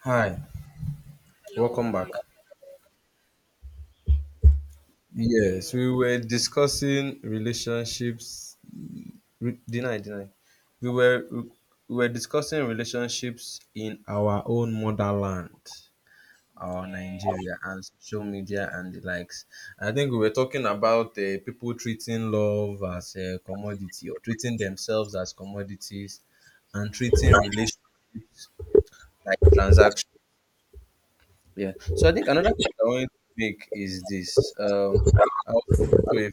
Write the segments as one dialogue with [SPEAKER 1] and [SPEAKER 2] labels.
[SPEAKER 1] Hi,
[SPEAKER 2] Hello,
[SPEAKER 1] welcome
[SPEAKER 2] how are you?
[SPEAKER 1] back.
[SPEAKER 2] Thank you.
[SPEAKER 1] Yes, we were discussing relationships. Deny, deny. We were discussing relationships in our own motherland, our
[SPEAKER 2] Yeah.
[SPEAKER 1] Nigeria, and social media and the likes. I think we were talking about people treating love as a commodity or treating themselves as commodities, and treating relationships like transactions. Yeah. So I think another point I wanted to make is this. I was speaking to a,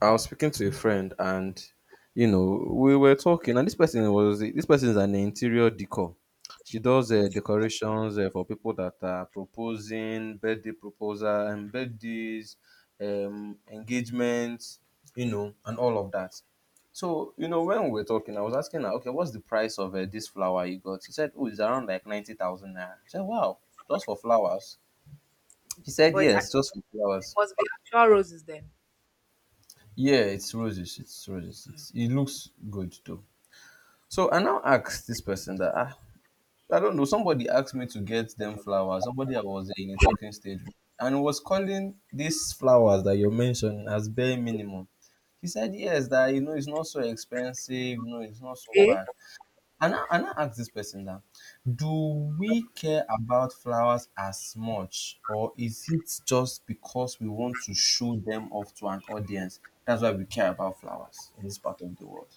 [SPEAKER 1] I was speaking to a friend, and you know, we were talking, and this person is an interior decor. She does
[SPEAKER 2] Uh,
[SPEAKER 1] decorations for people that are proposing, birthday proposal, and birthdays, engagements, you know, and all of that. So you know, when we were talking, I was asking her, okay, what's the price of this flower you got? She said, oh, it's around like 90,000 naira. I said, wow, just for flowers. He said
[SPEAKER 2] But it
[SPEAKER 1] yes, just for
[SPEAKER 2] actually
[SPEAKER 1] flowers.
[SPEAKER 2] must be actual roses then.
[SPEAKER 1] Yeah, it's roses. It's roses. It looks good though. So I now asked this person that ah, I don't know. Somebody asked me to get them flowers. Somebody I was in a talking stage with, and was calling these flowers that you're mentioning as bare minimum. He said yes, that you know it's not so expensive. No, it's not so
[SPEAKER 2] Eh?
[SPEAKER 1] bad. And I now ask this person now, do we care about flowers as much, or is it just because we want to show them off to an audience? That's why we care about flowers in this part of the world.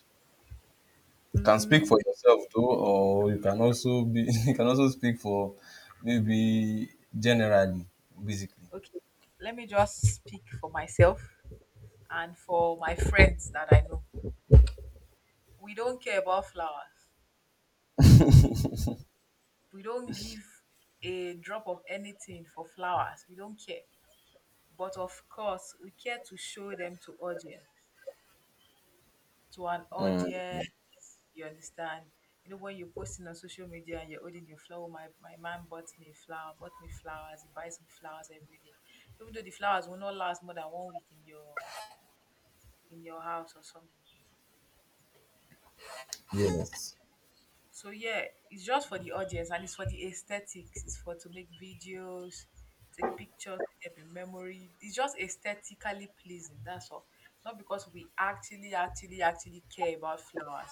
[SPEAKER 1] You can speak for
[SPEAKER 2] Mm,
[SPEAKER 1] yourself though, or you can also be you can also speak for maybe generally, basically.
[SPEAKER 2] okay. Let me just speak for myself and for my friends that I know. We don't care about flowers. We don't give a drop of anything for flowers. We don't care. But of course, we care to show them to an
[SPEAKER 1] Mm.
[SPEAKER 2] audience. You understand? You know, when you're posting on social media and you're holding your flower, "Oh, my man bought me flowers, he buys me flowers every day. Even though the flowers will not last more than one week in your house or something.
[SPEAKER 1] Yes.
[SPEAKER 2] So yeah, it's just for the audience and it's for the aesthetics. It's for to make videos, take pictures, keep in memory. It's just aesthetically pleasing, that's all. Not because we actually, actually, actually care about flowers.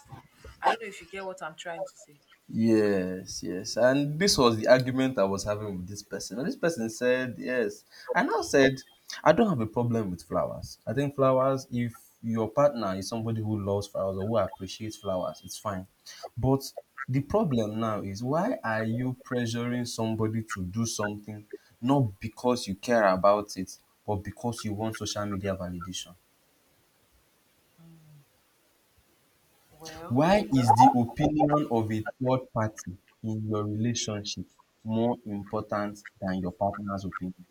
[SPEAKER 2] I don't know if you get what I'm trying to say.
[SPEAKER 1] Yes, yes. And this was the argument I was having with this person. And this person said, yes. I now said, I don't have a problem with flowers. I think flowers, if your partner is somebody who loves flowers or who appreciates flowers, it's fine. But the problem now is, why are you pressuring somebody to do something not because you care about it, but because you want social media validation?
[SPEAKER 2] Mm. Well,
[SPEAKER 1] Why is the opinion of a third party in your relationship more important than your partner's opinion?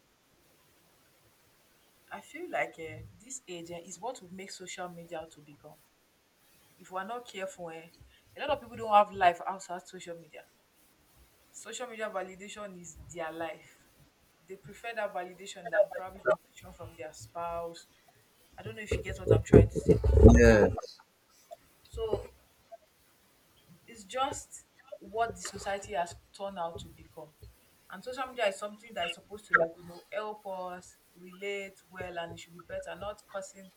[SPEAKER 2] I feel like this age is what will make social media to become. If we're not careful, a lot of people don't have life outside social media. Social media validation is their life. They prefer that validation than probably validation from their spouse. I don't know if you get what I'm trying to say.
[SPEAKER 1] Yes,
[SPEAKER 2] So it's just what the society has turned out to become. And social media is something that is supposed to, like, you know, help us relate well, and it should be better, not causing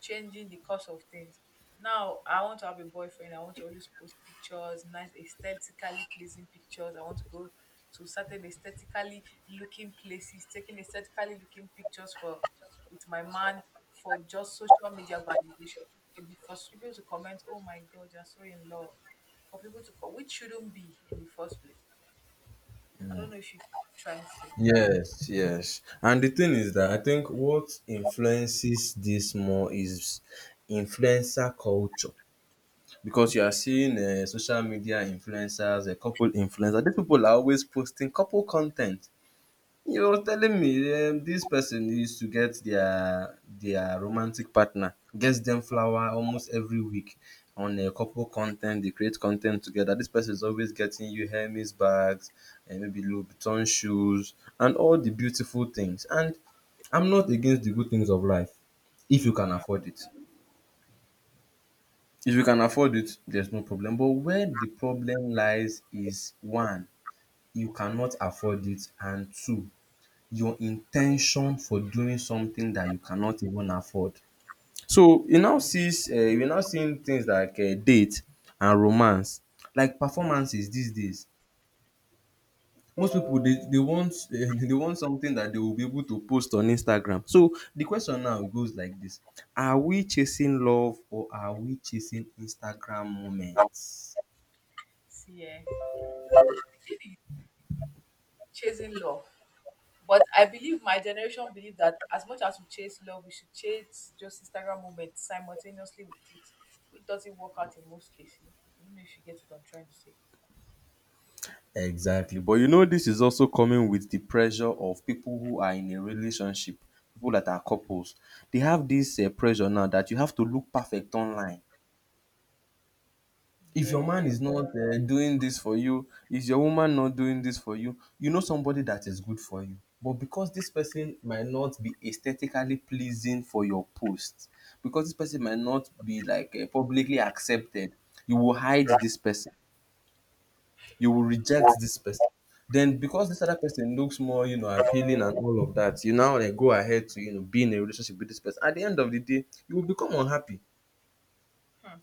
[SPEAKER 2] changing the course of things. Now I want to have a boyfriend, I want to always post pictures, nice aesthetically pleasing pictures. I want to go to certain aesthetically looking places, taking aesthetically looking pictures for with my man for just social media validation. And for people to comment, "Oh my god, you're so in love." For people to call, which shouldn't be in the first place. I don't know if you trying to
[SPEAKER 1] yes, yes. And the thing is that I think what influences this more is influencer culture, because you are seeing social media influencers, a couple influencers. These people are always posting couple content. He was telling me this person used to get their romantic partner, gets them flower almost every week on a couple content. They create content together. This person is always getting you Hermes bags and maybe Louis Vuitton shoes and all the beautiful things. And I'm not against the good things of life if you can afford it. If you can afford it, there's no problem. But where the problem lies is one, you cannot afford it, and two, your intention for doing something that you cannot even afford. So you now seeing things like date and romance like performances these days. Most people they want they want something that they will be able to post on Instagram. So the question now goes like this: are we chasing love, or are we chasing Instagram moments?
[SPEAKER 2] see really chasing love. But I believe my generation believe that as much as we chase love, we should chase just Instagram moments simultaneously with it, which doesn't work out in most cases. I don't know if you get what I'm trying to say.
[SPEAKER 1] Exactly. But you know, this is also coming with the pressure of people who are in a relationship, people that are couples. They have this pressure now that you have to look perfect online. If your man
[SPEAKER 2] Yes.
[SPEAKER 1] is not doing this for you, is your woman not doing this for you, you know somebody that is good for you. But because this person might not be aesthetically pleasing for your post, because this person might not be like publicly accepted, you will hide this person. You will
[SPEAKER 2] Hmm.
[SPEAKER 1] reject this person. Then because this other person looks more, you know, appealing and all of that, you now like go ahead to, you know, be in a relationship with this person. At the end of the day, you will become unhappy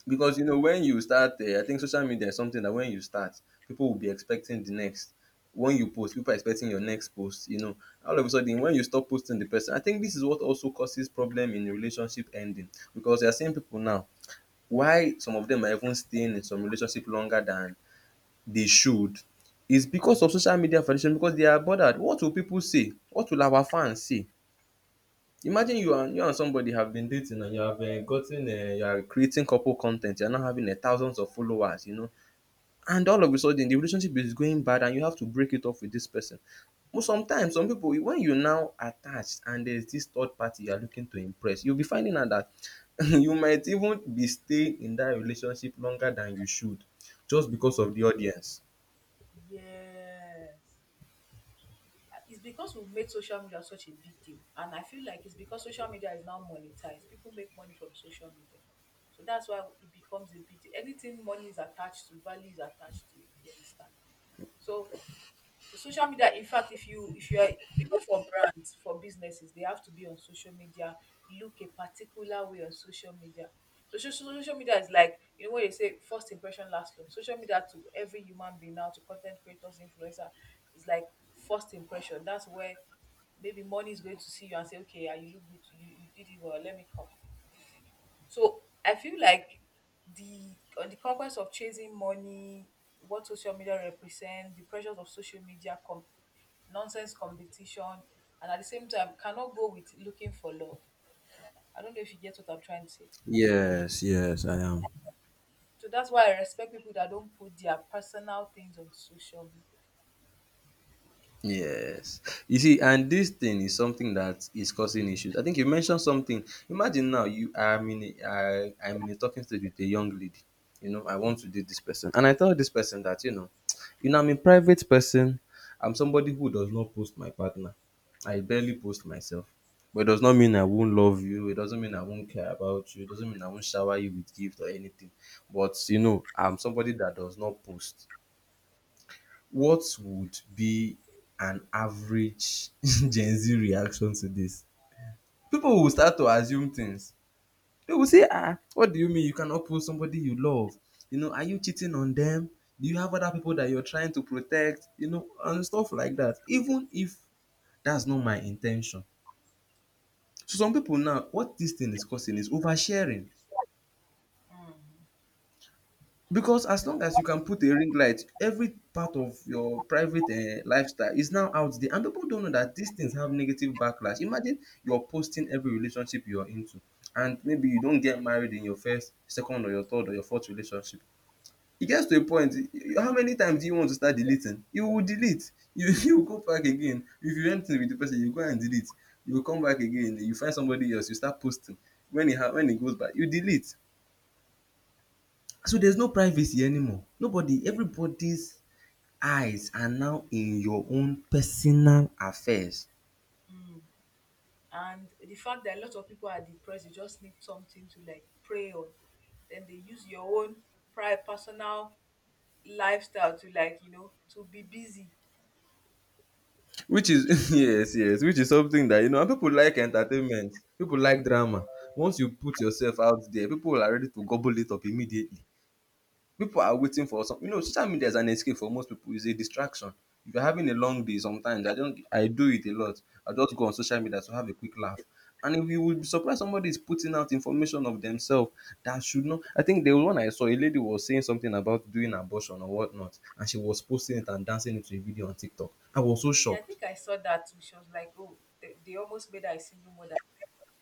[SPEAKER 1] because you know when you start, I think social media is something that when you start, people will be expecting the next. When you post, people are expecting your next post. You know, all of a sudden, when you stop posting the person, I think this is what also causes problem in relationship ending because you are seeing people now. Why some of them are even staying in some relationship longer than they should is because of social media validation, because they are bothered. What will people say? What will our fans say? Imagine you and somebody have been dating and you have gotten you are creating couple content. You are now having thousands of followers, you know, and all of a sudden the relationship is going bad and you have to break it off with this person. But sometimes some people when you now attached and there's this third party you are looking to impress, you'll be finding out that you might even be staying in that relationship longer than you should just
[SPEAKER 2] Mm.
[SPEAKER 1] because of the audience.
[SPEAKER 2] Yes. It's because we've made social media such a big deal. And I feel like it's because social media is now monetized. People make money from social media. So that's why it becomes a big deal. Anything money is attached to, value is attached to it. You understand? So social media, in fact, if you are, even for brands, for businesses, they have to be on social media, look a particular way on social media. So social media is like, you know what they say, first impression last long. Social media, to every human being now, to content creators, influencer, is like first impression. That's where maybe money is going to see you and say, "Okay, yeah, you look good, you did it well, let me come." So I feel like the on the conquest of chasing money, what social media represent, the pressures of social media, nonsense competition, and at the same time cannot go with looking for love. I don't know if you get what I'm trying to say.
[SPEAKER 1] Yes, yes, I am.
[SPEAKER 2] So that's why I respect people that don't put their personal things on social media.
[SPEAKER 1] Yes. You see, and this thing is something that is causing issues. I think you mentioned something. Imagine now you I'm in a talking stage with a young lady. You know, I want to date this person. And I tell this person that, you know, you know, I'm a private person. I'm somebody who does not post my partner. I barely post myself. But it does not mean I won't love you. It doesn't mean I won't care about you. It doesn't mean I won't shower you with gifts or anything. But you know, I'm somebody that does not post. What would be an average Gen Z reaction to this? People will start to assume things. They will say, ah, what do you mean you cannot pull somebody you love? You know, are you cheating on them? Do you have other people that you're trying to protect? You know, and stuff like that. Even if that's not my intention. So some people now, what this thing is causing is oversharing. Because as long as you can put a ring light, every part of your private lifestyle is now out there and people don't know that these things have negative backlash. Imagine you're posting every relationship you're into and maybe you don't get married in your first, second, or your third or your fourth relationship. It gets to a point how many times do you want to start deleting? You will delete. You you will go back again. If you end with the person, you go and delete. You will come back again, you find somebody else, you start posting. When it goes by, you delete. So there's no privacy anymore. Nobody, everybody's eyes are now in your own personal affairs.
[SPEAKER 2] Mm. And the fact that a lot of people are depressed, they just need something to, like, pray on. Then they use your own private personal lifestyle to, like, you know, to be busy.
[SPEAKER 1] Which is yes, yes, which is something that you know, and people like entertainment, people like drama. Once you put yourself out there, people are ready to gobble it up immediately. People are waiting for some you know social media is an escape for most people, it's a distraction. If you're having a long day sometimes, I don't I do it a lot. I just go on social media to have a quick laugh. And if you would be surprised somebody is putting out information of themselves that should not I think the one I saw a lady was saying something about doing abortion or whatnot and she was posting it and dancing it to a video on TikTok. I was so
[SPEAKER 2] Yeah, I
[SPEAKER 1] shocked.
[SPEAKER 2] think I saw that too. She was like, "Oh, they almost made her a single mother.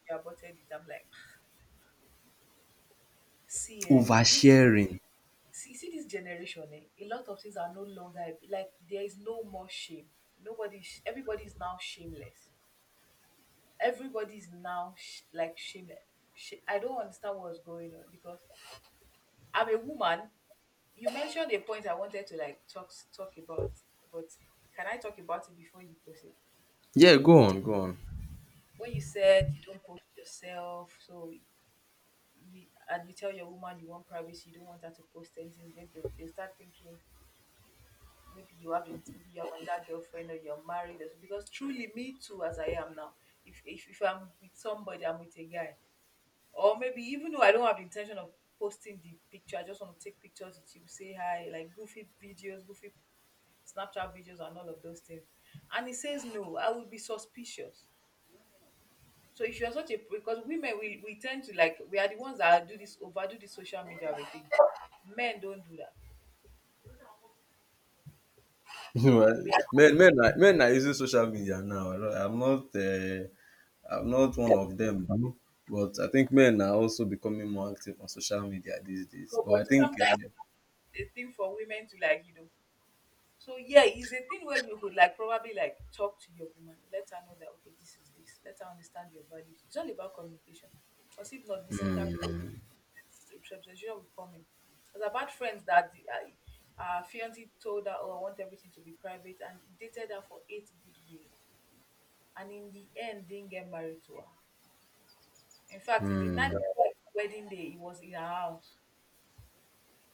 [SPEAKER 2] She aborted it." I'm like, "See, eh, this
[SPEAKER 1] Oversharing.
[SPEAKER 2] see this generation, a lot of things are no longer like there is no more shame. Nobody, is- everybody is now shameless. Everybody is now like shameless. I don't understand what's going on because I'm a woman. You mentioned a point I wanted to, like, talk about, but can I talk about it before you proceed?
[SPEAKER 1] Yeah, go on, go on.
[SPEAKER 2] When you said you don't post yourself, so you and you tell your woman you want privacy, you don't want her to post anything, then they'll start thinking maybe you have another girlfriend or you're married. Or so. Because truly, me too, as I am now, if I'm with somebody, I'm with a guy, or maybe even though I don't have the intention of posting the picture, I just want to take pictures with you, say hi, like goofy videos, goofy Snapchat videos, and all of those things. And he says no, I would be suspicious. So if you're such a, because women we tend to like, we are the ones that do this overdo the social media everything. Men don't do that.
[SPEAKER 1] Right.
[SPEAKER 2] We are,
[SPEAKER 1] Men are using social media now. I'm not one of them though, but I think men are also becoming more active on social media these days.
[SPEAKER 2] so
[SPEAKER 1] But
[SPEAKER 2] but
[SPEAKER 1] I think
[SPEAKER 2] sometimes
[SPEAKER 1] um
[SPEAKER 2] it's a thing for women to, like, you know. So yeah, it's a thing where you could, like, probably like, talk to your woman, let her know that, okay, this is this, let her understand your values. It's all about communication. Because if not, misinterpretation
[SPEAKER 1] Hmm.
[SPEAKER 2] will come in. Because I've friends that the, fiance told her, "Oh, I want everything to be private," and he dated her for eight good years and in the end didn't get married to her. In fact, the night
[SPEAKER 1] Mm,
[SPEAKER 2] before his wedding day, he was in her house.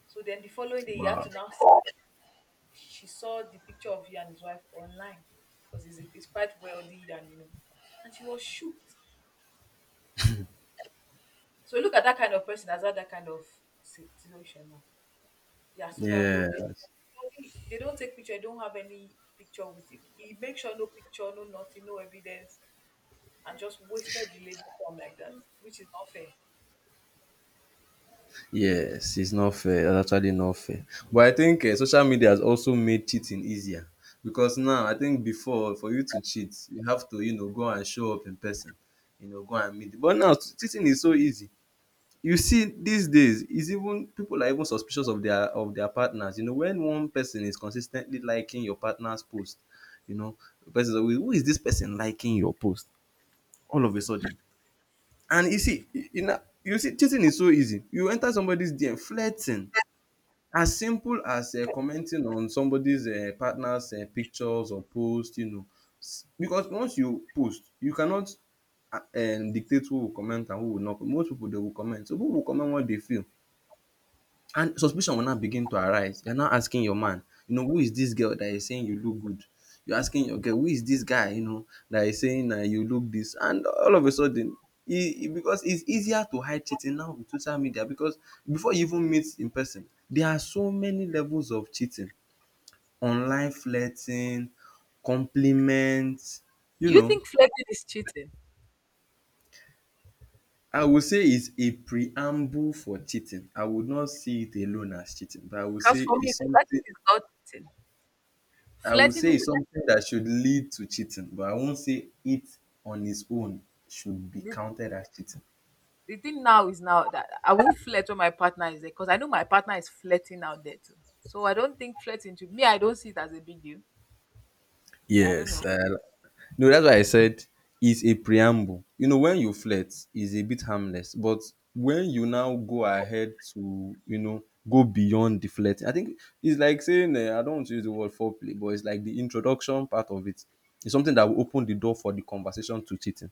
[SPEAKER 2] So then the following day, he had
[SPEAKER 1] wow.
[SPEAKER 2] to now. She saw the picture of he and his wife online, because he's quite wealthy and you know, and she was shocked. So look at that kind of person as had that kind of situation now. Yeah, so that no, they
[SPEAKER 1] Yes.
[SPEAKER 2] don't, they don't take picture. They don't have any picture with it. He make sure no picture, no nothing, no evidence, and just wasted the lady time like that, which is not fair.
[SPEAKER 1] Yes, it's not fair. It's actually not fair. But I think social media has also made cheating easier because now I think before for you to cheat you have to, you know, go and show up in person, you know, go and meet, but now cheating is so easy. You see these days is even people are even suspicious of their partners, you know, when one person is consistently liking your partner's post, you know, the person is always who is this person liking your post all of a sudden. And you see, you know, you see cheating is so easy, you enter somebody's dm flirting, as simple as commenting on somebody's partner's pictures or post, you know. Because once you post, you cannot dictate who will comment and who will not. Most people they will comment, so people will comment what they feel, and suspicion will now begin to arise. You're now asking your man, you know, who is this girl that is saying you look good? You're asking your girl, who is this guy, you know, that is saying that you look this? And all of a sudden, e e because it's easier to hide cheating now with social media, because before you even meet in person, there are so many levels of cheating. Online flirting, compliments. You
[SPEAKER 2] Do you
[SPEAKER 1] know.
[SPEAKER 2] think flirting is cheating?
[SPEAKER 1] I would say it's a preamble for cheating. I would not see it alone as cheating, but I would
[SPEAKER 2] Because
[SPEAKER 1] say
[SPEAKER 2] for me,
[SPEAKER 1] it's something
[SPEAKER 2] flirting is not cheating.
[SPEAKER 1] I will say
[SPEAKER 2] Flirting,
[SPEAKER 1] it's something that should lead to cheating, but I won't say it on its own should be
[SPEAKER 2] the,
[SPEAKER 1] counted as cheating.
[SPEAKER 2] the thing now is now that I won't flirt when my partner is there because I know my partner is flirting out there too. So I don't think flirting to me, I don't see it as a big deal. I don't know.
[SPEAKER 1] Yes. No, that's why I said it's a preamble. You know, when you flirt, is a bit harmless, but when you now go ahead to, you know, go beyond the flirting, I think it's like saying, I don't want to use the word foreplay, but it's like the introduction part of it. It's something that will open the door for the conversation to cheating.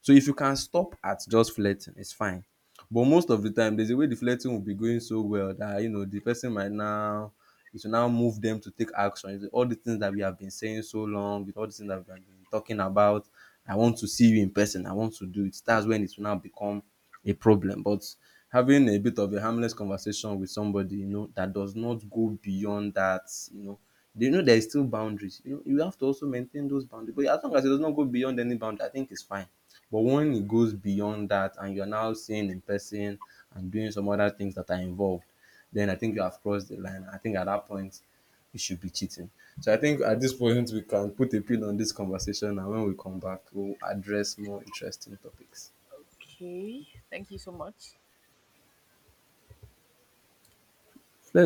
[SPEAKER 1] So if you can stop at just flirting, it's fine. But most of the time, there's a way the flirting will be going so well that you know the person might now it will now move them to take action. It's all the things that we have been saying so long, with all the things that we have been talking about. I want to see you in person. I want to do it. That's when it will now become a problem. But having a bit of a harmless conversation with somebody, you know, that does not go beyond that, you know, they know there is still boundaries. You know, you have to also maintain those boundaries. But as long as it does not go beyond any boundary, I think it's fine. But when it goes beyond that and you're now seeing in person and doing some other things that are involved, then I think you have crossed the line. I think at that point you should be cheating. So I think at this point we can put a pin on this conversation, and when we come back we'll address more interesting topics.
[SPEAKER 2] Okay, thank you so much.